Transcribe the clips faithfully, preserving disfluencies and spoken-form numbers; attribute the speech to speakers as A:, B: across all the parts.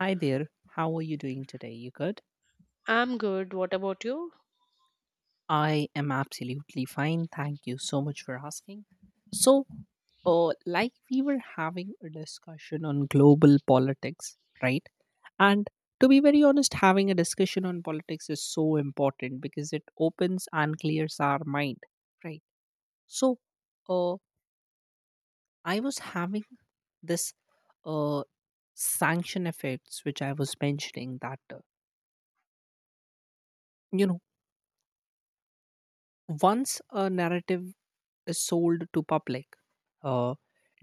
A: Hi there. How are you doing today? You good?
B: I'm good. What about you?
A: I am absolutely fine. Thank you so much for asking. So, uh, like we were having a discussion on global politics, right? And to be very honest, having a discussion on politics is so important because it opens and clears our mind, right? So, uh, I was having this uh, sanction effects, which I was mentioning that, uh, you know, once a narrative is sold to public, uh,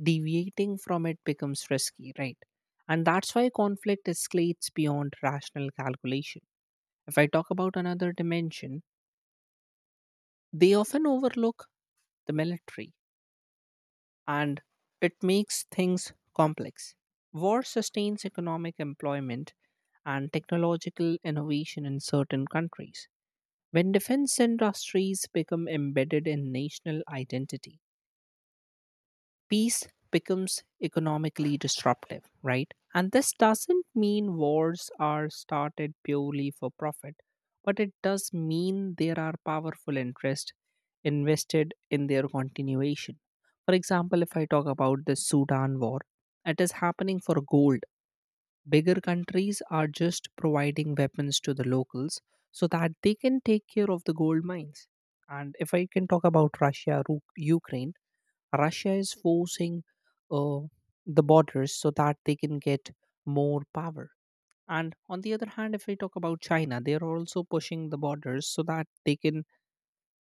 A: deviating from it becomes risky, right? And that's why conflict escalates beyond rational calculation. If I talk about another dimension, they often overlook the military, and it makes things complex. War sustains economic employment and technological innovation in certain countries. When defense industries become embedded in national identity, peace becomes economically disruptive, right? And this doesn't mean wars are started purely for profit, but it does mean there are powerful interests invested in their continuation. For example, if I talk about the Sudan war, it is happening for gold. Bigger countries are just providing weapons to the locals so that they can take care of the gold mines. And if I can talk about Russia, Ru- Ukraine, Russia is forcing uh, the borders so that they can get more power. And on the other hand, if we talk about China, they are also pushing the borders so that they can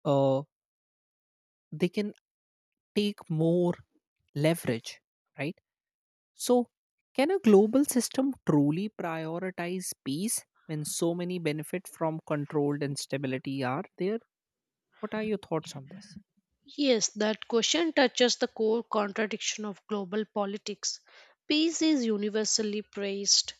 A: uh, they can take more leverage, right? So, can a global system truly prioritize peace when so many benefit from controlled instability are there? What are your thoughts on this?
B: Yes, that question touches the core contradiction of global politics. Peace is universally praised,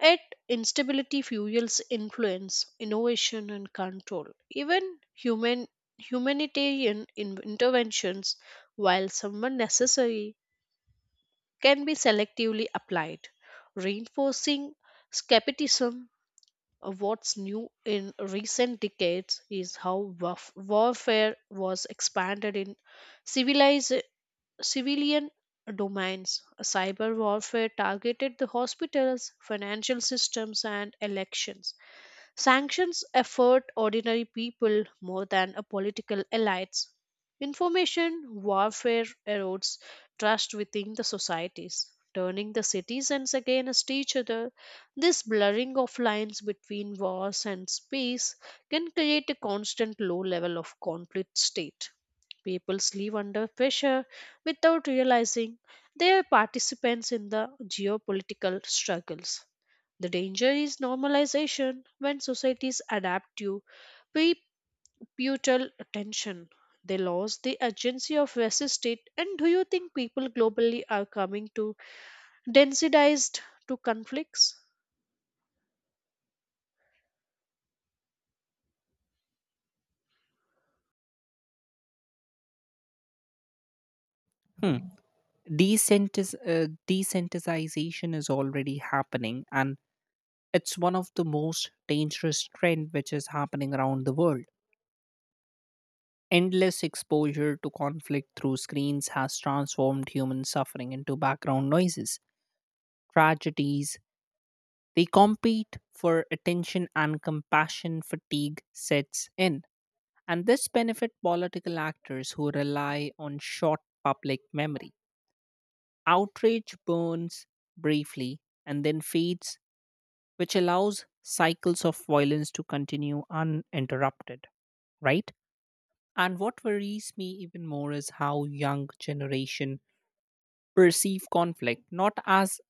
B: yet instability fuels influence, innovation, and control. Even human humanitarian in- interventions, while somewhat necessary, can be selectively applied, reinforcing skepticism. Uh, What's new in recent decades is how warf- warfare was expanded in civilized civilian domains. Cyber warfare targeted the hospitals, financial systems, and elections. Sanctions affect ordinary people more than a political elites. Information warfare erodes trust within the societies, turning the citizens against each other. This blurring of lines between wars and peace can create a constant low level of conflict state. People live under pressure without realizing they are participants in the geopolitical struggles. The danger is normalization when societies adapt to putal attention. They lose the agency of resist it. And do you think people globally are coming to densitized to conflicts?
A: Hmm. Decentis- uh, desensitization is already happening, and it's one of the most dangerous trend which is happening around the world. Endless exposure to conflict through screens has transformed human suffering into background noises, tragedies. They compete for attention and compassion fatigue sets in. And this benefit political actors who rely on short public memory. Outrage burns briefly and then fades, which allows cycles of violence to continue uninterrupted, right? And what worries me even more is how young generation perceive conflict not as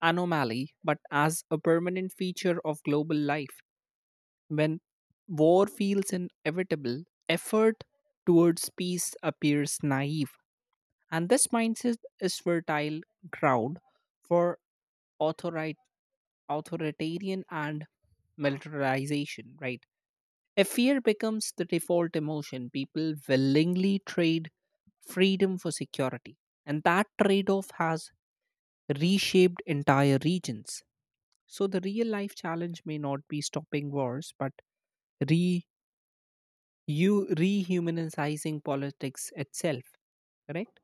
A: anomaly but as a permanent feature of global life. When war feels inevitable, effort towards peace appears naive, and this mindset is fertile ground for authori- authoritarian and militarization, right? If fear becomes the default emotion, people willingly trade freedom for security. And that trade off has reshaped entire regions. So the real life challenge may not be stopping wars, but re you rehumanizing politics itself, correct?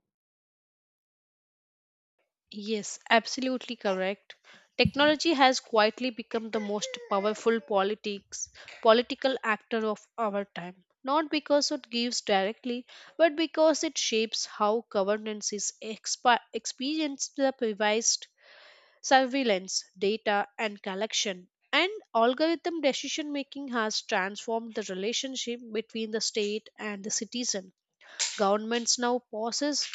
B: Yes, absolutely correct. Technology has quietly become the most powerful politics political actor of our time. Not because it gives directly, but because it shapes how governance is exp- experienced the privileged surveillance, data, and collection. And algorithm decision making has transformed the relationship between the state and the citizen. Governments now possess,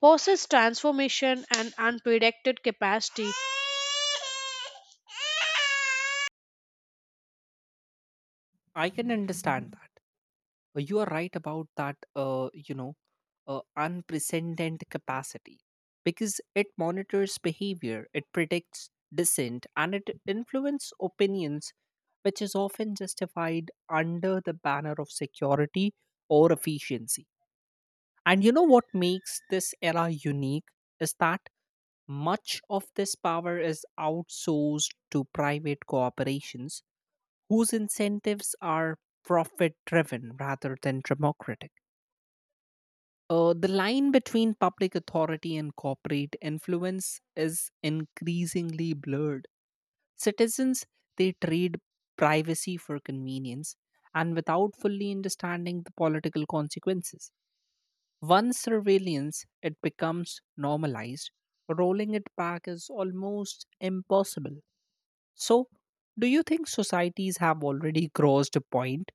B: possess transformation and unpredicted capacity.
A: I can understand that. Uh, you are right about that, uh, you know, uh, unprecedented capacity, because it monitors behavior, it predicts dissent, and it influences opinions, which is often justified under the banner of security or efficiency. And you know what makes this era unique is that much of this power is outsourced to private corporations whose incentives are profit driven rather than democratic. Uh, the line between public authority and corporate influence is increasingly blurred. Citizens, they trade privacy for convenience and without fully understanding the political consequences. Once surveillance it becomes normalized, rolling it back is almost impossible. So, do you think societies have already crossed a point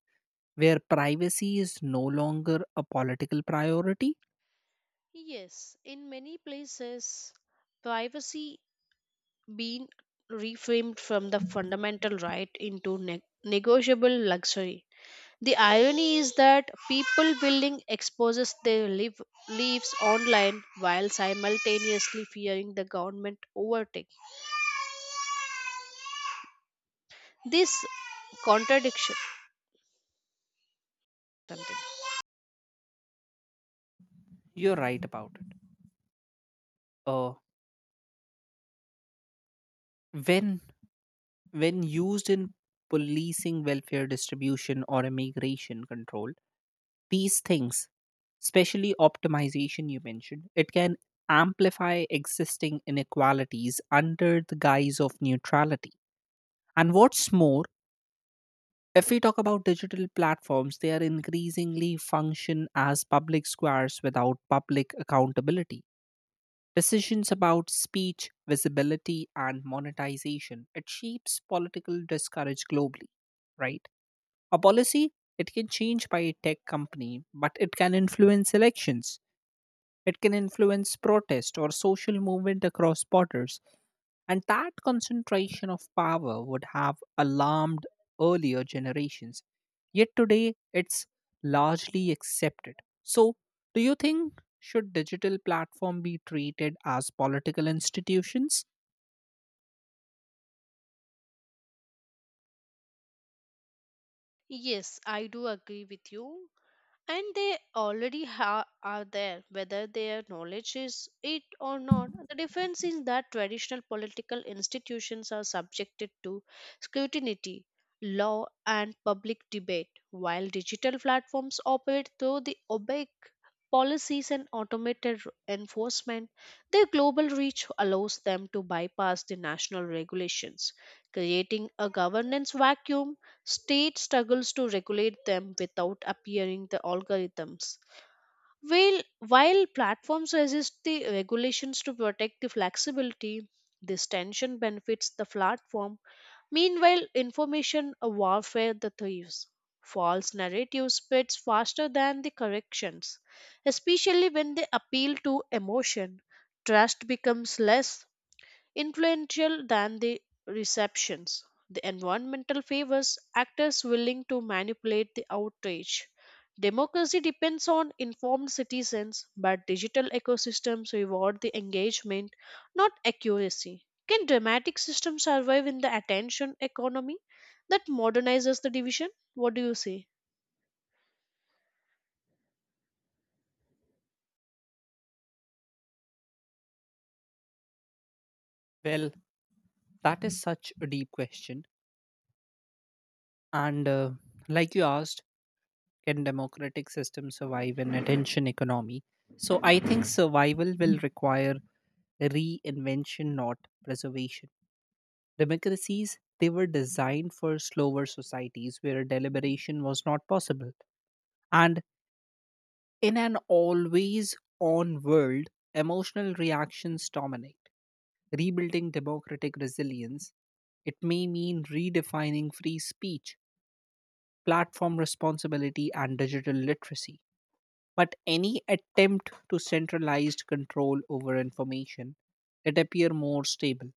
A: where privacy is no longer a political priority?
B: Yes, in many places, privacy being reframed from the fundamental right into ne- negotiable luxury. The irony is that people building exposes their live, lives online while simultaneously fearing the government overtake. This contradiction.
A: You're right about it. Uh, when when used in policing welfare distribution or immigration control, these things, especially optimization you mentioned, it can amplify existing inequalities under the guise of neutrality. And what's more, if we talk about digital platforms, they are increasingly function as public squares without public accountability. Decisions about speech, visibility, and monetization, it shapes political discourage globally, right? A policy, it can change by a tech company, but it can influence elections. It can influence protest or social movement across borders. And that concentration of power would have alarmed earlier generations. Yet today, it's largely accepted. So, do you think should digital platform be treated as political institutions?
B: Yes, I do agree with you. And they already ha- are there, whether their knowledge is it or not. The difference is that traditional political institutions are subjected to scrutiny, law, and public debate, while digital platforms operate through the opaque policies and automated r- enforcement. Their global reach allows them to bypass the national regulations, creating a governance vacuum. State struggles to regulate them without appearing the algorithms. While, while platforms resist the regulations to protect the flexibility, this tension benefits the platform. Meanwhile, information warfare the thieves. False narrative spreads faster than the corrections, especially when they appeal to emotion. Trust becomes less influential than the receptions. The environmental favors actors willing to manipulate the outrage. Democracy depends on informed citizens, but digital ecosystems reward the engagement, not accuracy. Can dramatic systems survive in the attention economy that modernizes the division? What do you say?
A: Well, that is such a deep question. And uh, like you asked, can democratic systems survive an attention economy? So I think survival will require reinvention, not preservation. Democracies, they were designed for slower societies where deliberation was not possible. And in an always on world, emotional reactions dominate. Rebuilding democratic resilience, it may mean redefining free speech, platform responsibility, and digital literacy. But any attempt to centralized control over information, it appear more stable,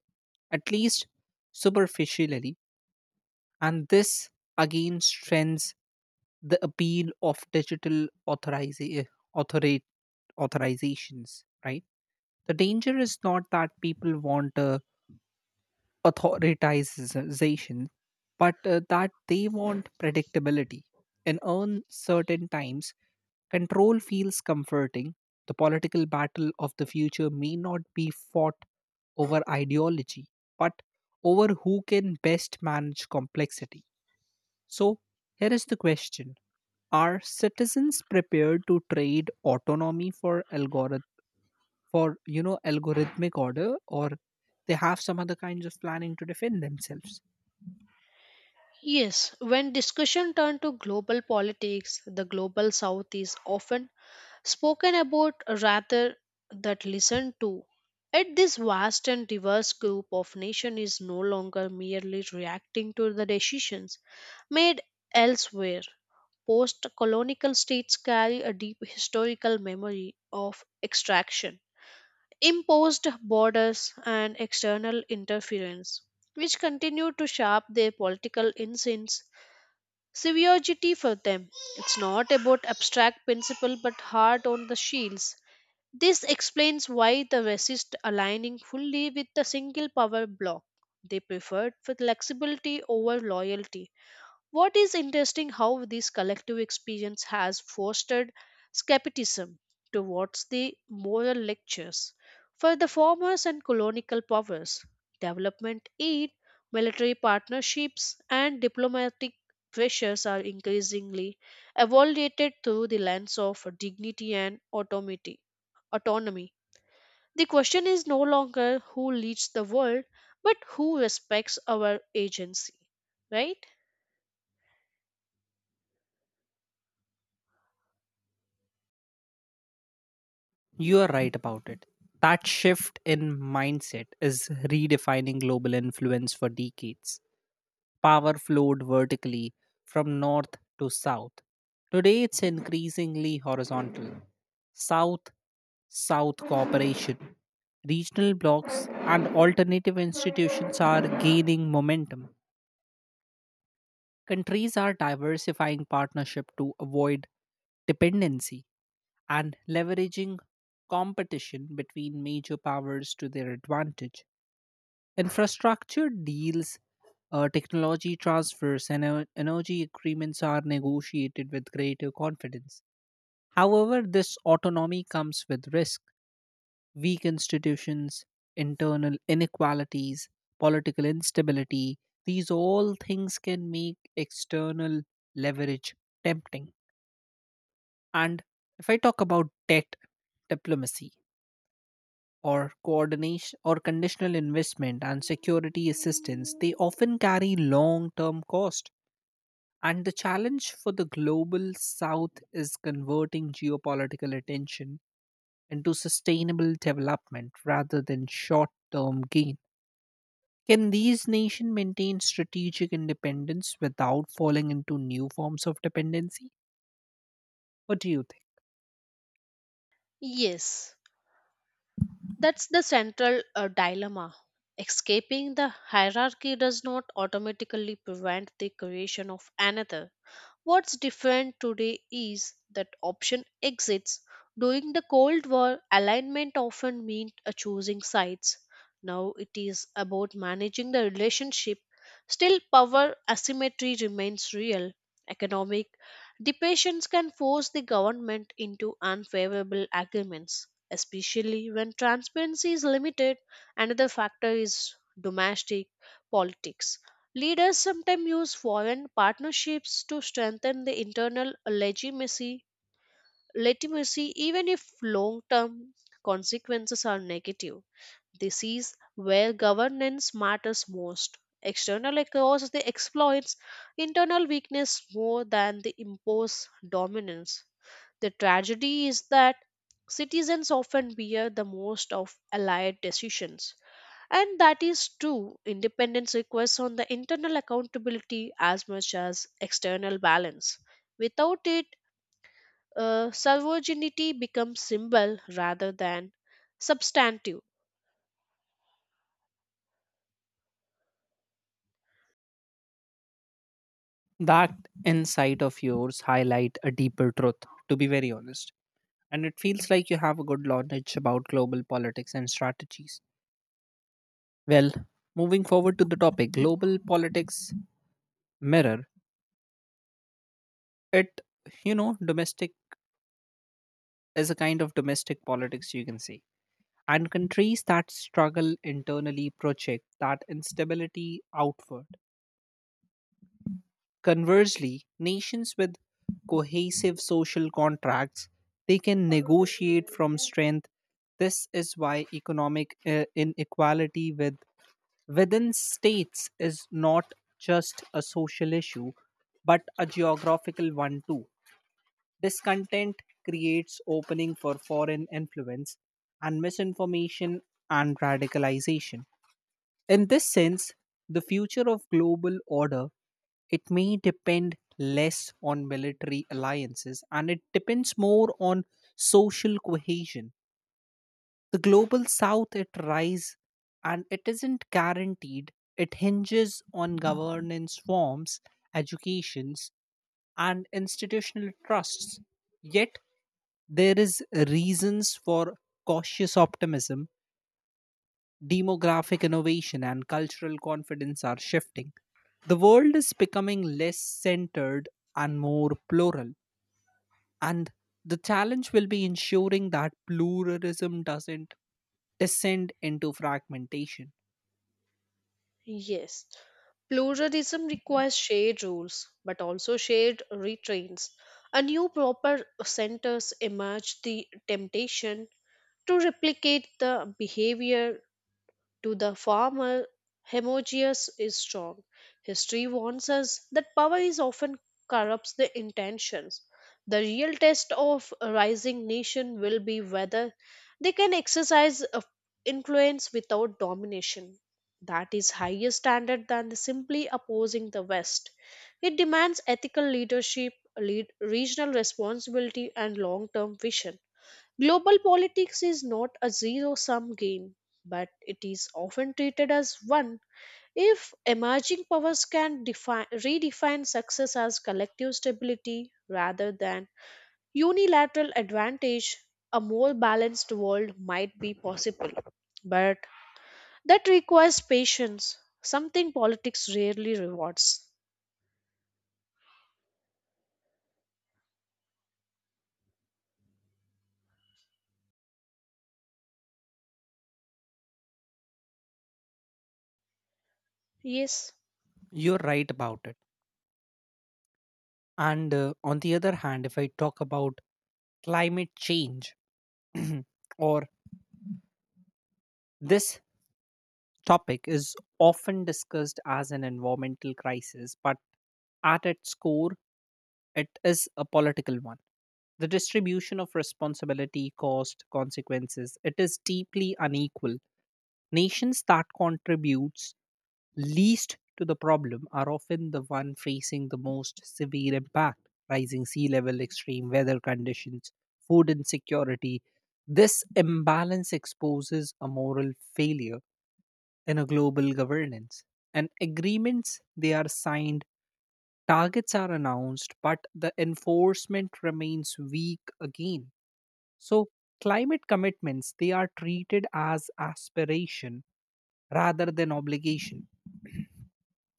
A: at least superficially, and this again strengthens the appeal of digital authoriza- authori- authorizations, right? The danger is not that people want uh, authoritization, but uh, that they want predictability. In uncertain times, control feels comforting. The political battle of the future may not be fought over ideology, but over who can best manage complexity. So, here is the question. Are citizens prepared to trade autonomy for algorithm? For, you know, algorithmic order, or they have some other kinds of planning to defend themselves.
B: Yes, when discussion turn to global politics, the global south is often spoken about rather that listened to. Yet this vast and diverse group of nation is no longer merely reacting to the decisions made elsewhere. Post colonial states carry a deep historical memory of extraction, imposed borders, and external interference, which continue to shape their political instincts. Severity for them. It's not about abstract principle but hard on the shields. This explains why the resist aligning fully with the single power bloc. They preferred flexibility over loyalty. What is interesting how this collective experience has fostered skepticism towards the moral lectures. For the formers and colonial powers, development aid, military partnerships, and diplomatic pressures are increasingly evaluated through the lens of dignity and autonomy autonomy. The question is no longer who leads the world, but who respects our agency, right?
A: You are right about it. That shift in mindset is redefining global influence for decades. Power flowed vertically from north to south. Today it's increasingly horizontal. South South cooperation, regional blocs, and alternative institutions are gaining momentum. Countries are diversifying partnership to avoid dependency and leveraging competition between major powers to their advantage. Infrastructure deals, uh, technology transfers, and en- energy agreements are negotiated with greater confidence. However, this autonomy comes with risk, weak institutions, internal inequalities, political instability. These all things can make external leverage tempting. And if I talk about debt diplomacy, or coordination or conditional investment and security assistance, they often carry long term cost. And the challenge for the global south is converting geopolitical attention into sustainable development rather than short term gain. Can these nations maintain strategic independence without falling into new forms of dependency? What do you think?
B: Yes, that's the central uh, dilemma. Escaping the hierarchy does not automatically prevent the creation of another. What's different today is that option exists. During the Cold War, alignment often meant a choosing sides. Now it is about managing the relationship. Still, power asymmetry remains real. Economic depressions can force the government into unfavorable agreements, especially when transparency is limited. Another factor is domestic politics. Leaders sometimes use foreign partnerships to strengthen the internal legitimacy, legitimacy, even if long term consequences are negative. This is where governance matters most. External causes the exploits internal weakness more than the imposed dominance. The tragedy is that citizens often bear the most of allied decisions, and that is true. Independence requires on the internal accountability as much as external balance. Without it, uh, sovereignty becomes symbol rather than substantive.
A: That insight of yours highlight a deeper truth, to be very honest, and it feels like you have a good knowledge about global politics and strategies. Well, moving forward to the topic, global politics mirror it, you know, domestic is a kind of domestic politics you can say. And countries that struggle internally project that instability outward. Conversely, nations with cohesive social contracts, they can negotiate from strength. This is why economic uh, inequality with within states is not just a social issue but a geographical one too. Discontent creates opening for foreign influence and misinformation and radicalization. In this sense, the future of global order, it may depend less on military alliances and it depends more on social cohesion. The global south, it rise, and it isn't guaranteed. It hinges on governance forms, educations, and institutional trusts. Yet there is reasons for cautious optimism. Demographic innovation and cultural confidence are shifting. The world is becoming less centered and more plural. And the challenge will be ensuring that pluralism doesn't descend into fragmentation.
B: Yes, pluralism requires shared rules, but also shared restraints. A new proper centers emerge the temptation to replicate the behavior to the farmer, Hermogeus is strong. History warns us that power is often corrupts the intentions. The real test of a rising nation will be whether they can exercise a influence without domination. That is higher standard than the simply opposing the West. It demands ethical leadership, lead, regional responsibility, and long-term vision. Global politics is not a zero sum game, but it is often treated as one. If emerging powers can defi- redefine success as collective stability rather than unilateral advantage, a more balanced world might be possible. But that requires patience, something politics rarely rewards. Yes.
A: You're right about it. And uh, on the other hand, if I talk about climate change, or this topic is often discussed as an environmental crisis, but at its core, it is a political one. The distribution of responsibility, cost, consequences, it is deeply unequal. Nations that contribute least to the problem are often the one facing the most severe impact, rising sea level, extreme weather conditions, food insecurity. This imbalance exposes a moral failure in a global governance, and agreements they are signed, targets are announced, but the enforcement remains weak again. So climate commitments, they are treated as aspiration rather than obligation.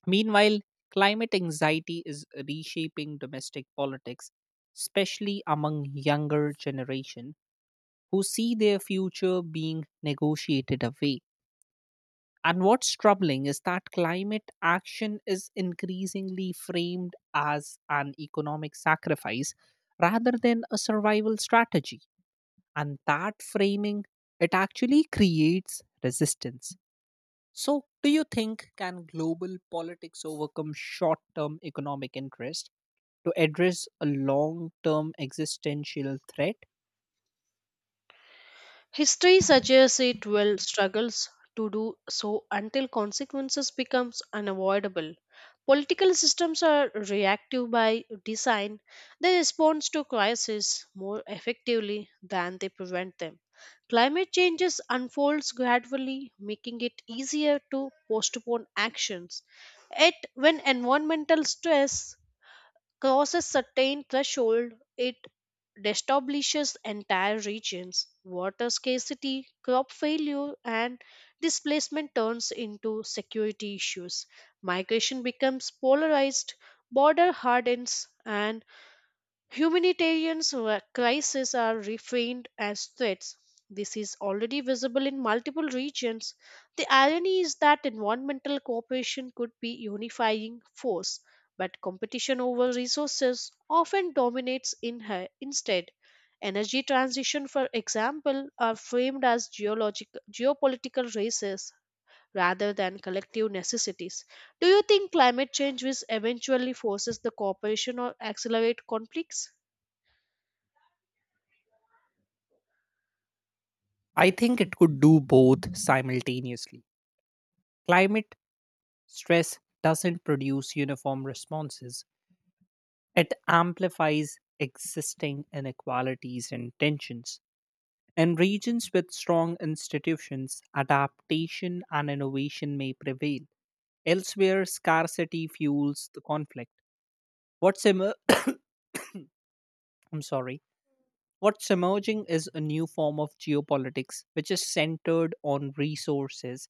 A: Meanwhile, climate anxiety is reshaping domestic politics, especially among younger generation who see their future being negotiated away. And what's troubling is that climate action is increasingly framed as an economic sacrifice rather than a survival strategy. And that framing, it actually creates resistance. So, do you think can global politics overcome short-term economic interest to address a long-term existential threat?
B: History suggests it will struggles to do so until consequences becomes unavoidable. Political systems are reactive by design. They respond to crises more effectively than they prevent them. Climate changes unfolds gradually, making it easier to postpone actions. Yet, when environmental stress crosses certain threshold, it destabilizes entire regions. Water scarcity, crop failure, and displacement turns into security issues. Migration becomes polarized, border hardens, and humanitarian wa- crises are reframed as threats. This is already visible in multiple regions. The irony is that environmental cooperation could be unifying force, but competition over resources often dominates in her instead. Energy transition, for example, are framed as geologic- geopolitical races rather than collective necessities. Do you think climate change will eventually forces the cooperation or accelerate conflicts?
A: I think it could do both simultaneously. Climate stress doesn't produce uniform responses. It amplifies existing inequalities and tensions. In regions with strong institutions, adaptation and innovation may prevail. Elsewhere, scarcity fuels the conflict. What's emer- I'm sorry. What's emerging is a new form of geopolitics which is centered on resources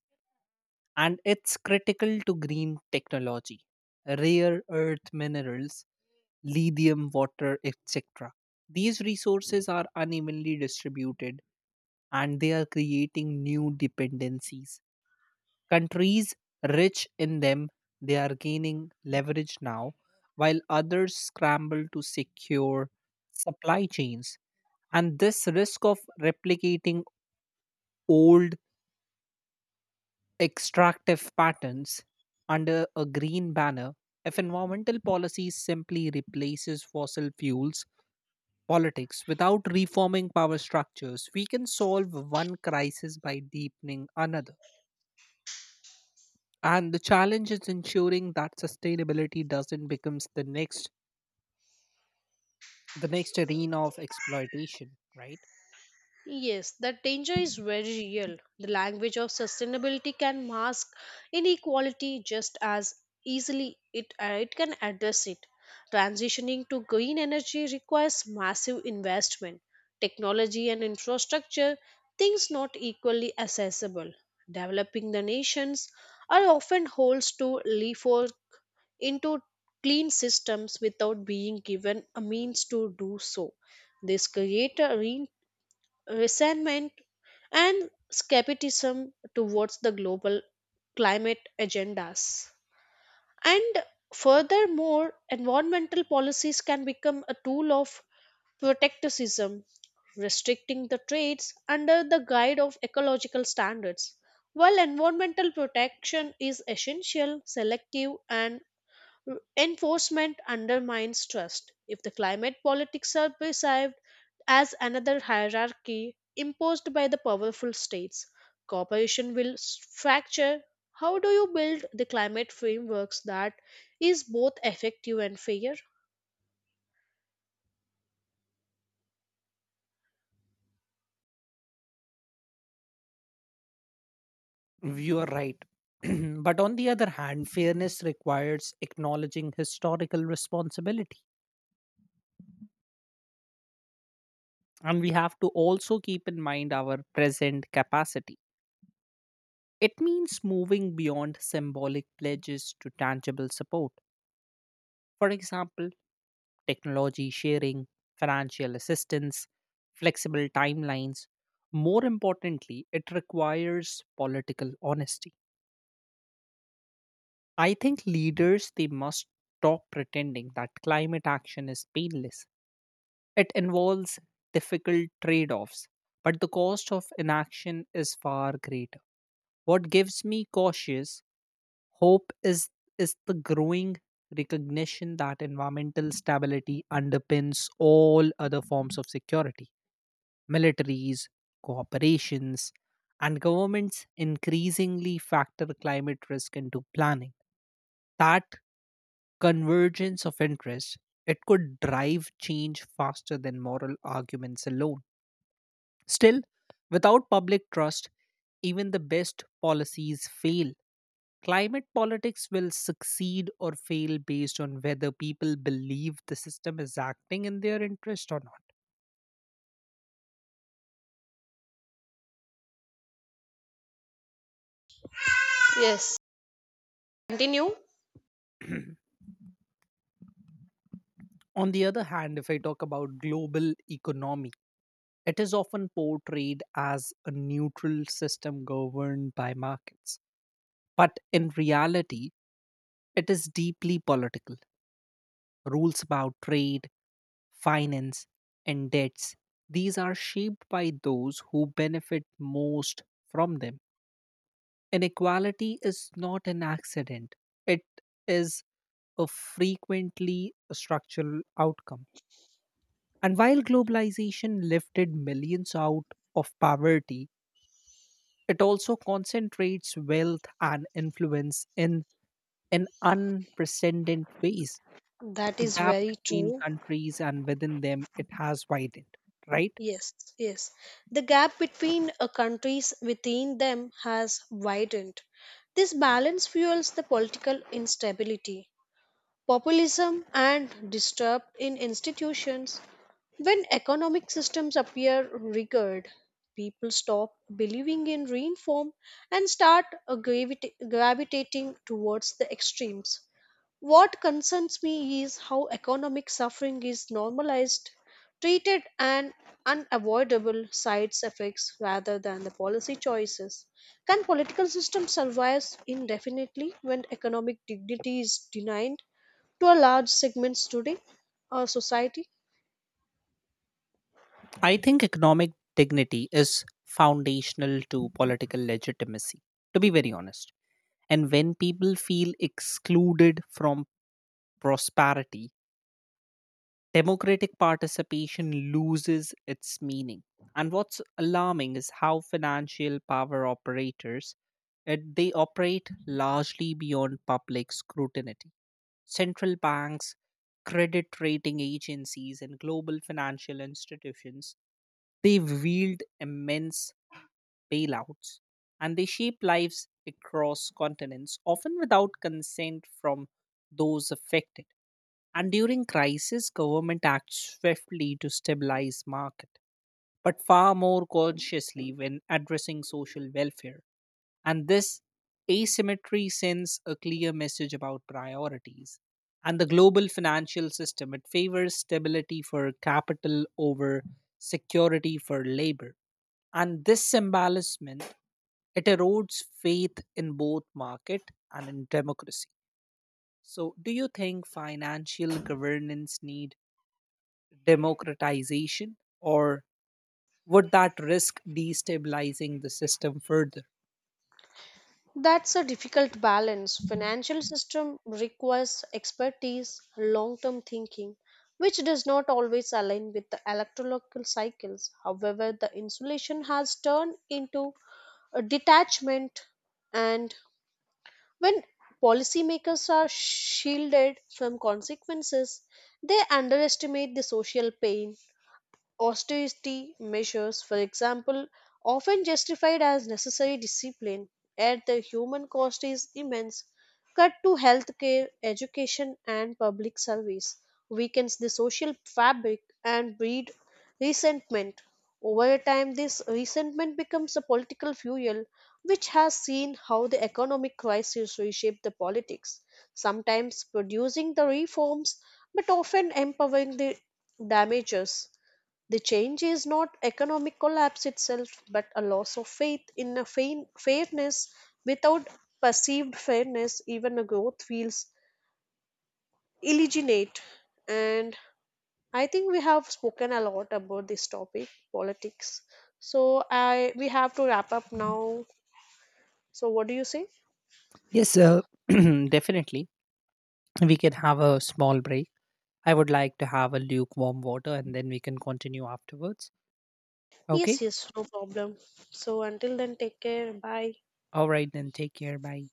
A: and it's critical to green technology. Rare earth minerals, lithium, water, et cetera. These resources are unevenly distributed and they are creating new dependencies. Countries rich in them, they are gaining leverage now while others scramble to secure supply chains. And this risk of replicating old extractive patterns under a green banner, if environmental policy simply replaces fossil fuels politics without reforming power structures, we can solve one crisis by deepening another. And the challenge is ensuring that sustainability doesn't becomes the next the next arena of exploitation, right?
B: Yes, that danger is very real. The language of sustainability can mask inequality just as easily it, uh, it can address it. Transitioning to green energy requires massive investment, technology, and infrastructure, things not equally accessible. Developing the nations are often holds to leapfrog into clean systems without being given a means to do so. This creator resentment and skepticism towards the global climate agendas. And furthermore, environmental policies can become a tool of protectivism, restricting the trades under the guide of ecological standards. While environmental protection is essential, selective and enforcement undermines trust. If the climate politics are perceived as another hierarchy imposed by the powerful states. Cooperation will s- fracture. How do you build the climate frameworks that is both effective and fair?
A: You are right. But on the other hand, fairness requires acknowledging historical responsibility. And we have to also keep in mind our present capacity. It means moving beyond symbolic pledges to tangible support. For example, technology sharing, financial assistance, flexible timelines. More importantly, it requires political honesty. I think leaders they must stop pretending that climate action is painless. It involves difficult trade offs, but the cost of inaction is far greater. What gives me cautious hope is, is the growing recognition that environmental stability underpins all other forms of security. Militaries, corporations, and governments increasingly factor climate risk into planning. That convergence of interest, it could drive change faster than moral arguments alone. Still, without public trust, even the best policies fail. Climate politics will succeed or fail based on whether people believe the system is acting in their interest or not.
B: Yes, continue.
A: On the other hand, if I talk about global economy, it is often portrayed as a neutral system governed by markets. But in reality, it is deeply political. Rules about trade, finance, and debts. These are shaped by those who benefit most from them. Inequality is not an accident, it is a frequently structural outcome. And while globalization lifted millions out of poverty, it also concentrates wealth and influence in in unprecedented ways.
B: That
A: The
B: is
A: gap
B: very
A: between
B: true.
A: countries and within them it has widened, right?
B: Yes, yes. The gap between uh, countries within them has widened. This balance fuels the political instability. Populism and disrupt in institutions. When economic systems appear rigged, people stop believing in reform and start uh, gravita- gravitating towards the extremes. What concerns me is how economic suffering is normalized, treated and unavoidable side effects rather than the policy choices. Can political systems survive indefinitely when economic dignity is denied? To a large segments today our society.
A: I think economic dignity is foundational to political legitimacy, to be very honest. And when people feel excluded from prosperity, democratic participation loses its meaning. And what's alarming is how financial power operators it- they operate largely beyond public scrutiny. Central banks, credit rating agencies, and global financial institutions, they wield immense bailouts, and they shape lives across continents, often without consent from those affected. And during crisis, government acts swiftly to stabilize market, but far more consciously when addressing social welfare. And this asymmetry sends a clear message about priorities. And the global financial system, it favors stability for capital over security for labor. And this embarrassment, it erodes faith in both market and in democracy. So, do you think financial governance need democratization, or would that risk destabilizing the system further?
B: That's a difficult balance. Financial system requires expertise, long term thinking, which does not always align with the electrolocal cycles. However, the insulation has turned into a detachment, and when policymakers are shielded from consequences, they underestimate the social pain. Austerity measures, for example, often justified as necessary discipline, yet the human cost is immense. Cut to healthcare, education, and public service weakens the social fabric and breed resentment. Over time, this resentment becomes a political fuel, which has seen how the economic crisis reshape the politics, sometimes producing the reforms, but often empowering the damages. The change is not economic collapse itself, but a loss of faith in a fain- fairness. Without perceived fairness, even a growth feels illegitimate. And I think we have spoken a lot about this topic, politics. So I we have to wrap up now. So what do you say?
A: Yes, uh, definitely. We can have a small break. I would like to have a lukewarm water, and then we can continue afterwards.
B: Yes,
A: Okay.
B: yes, no problem. So until then, take care. Bye.
A: All right, then. Take care. Bye.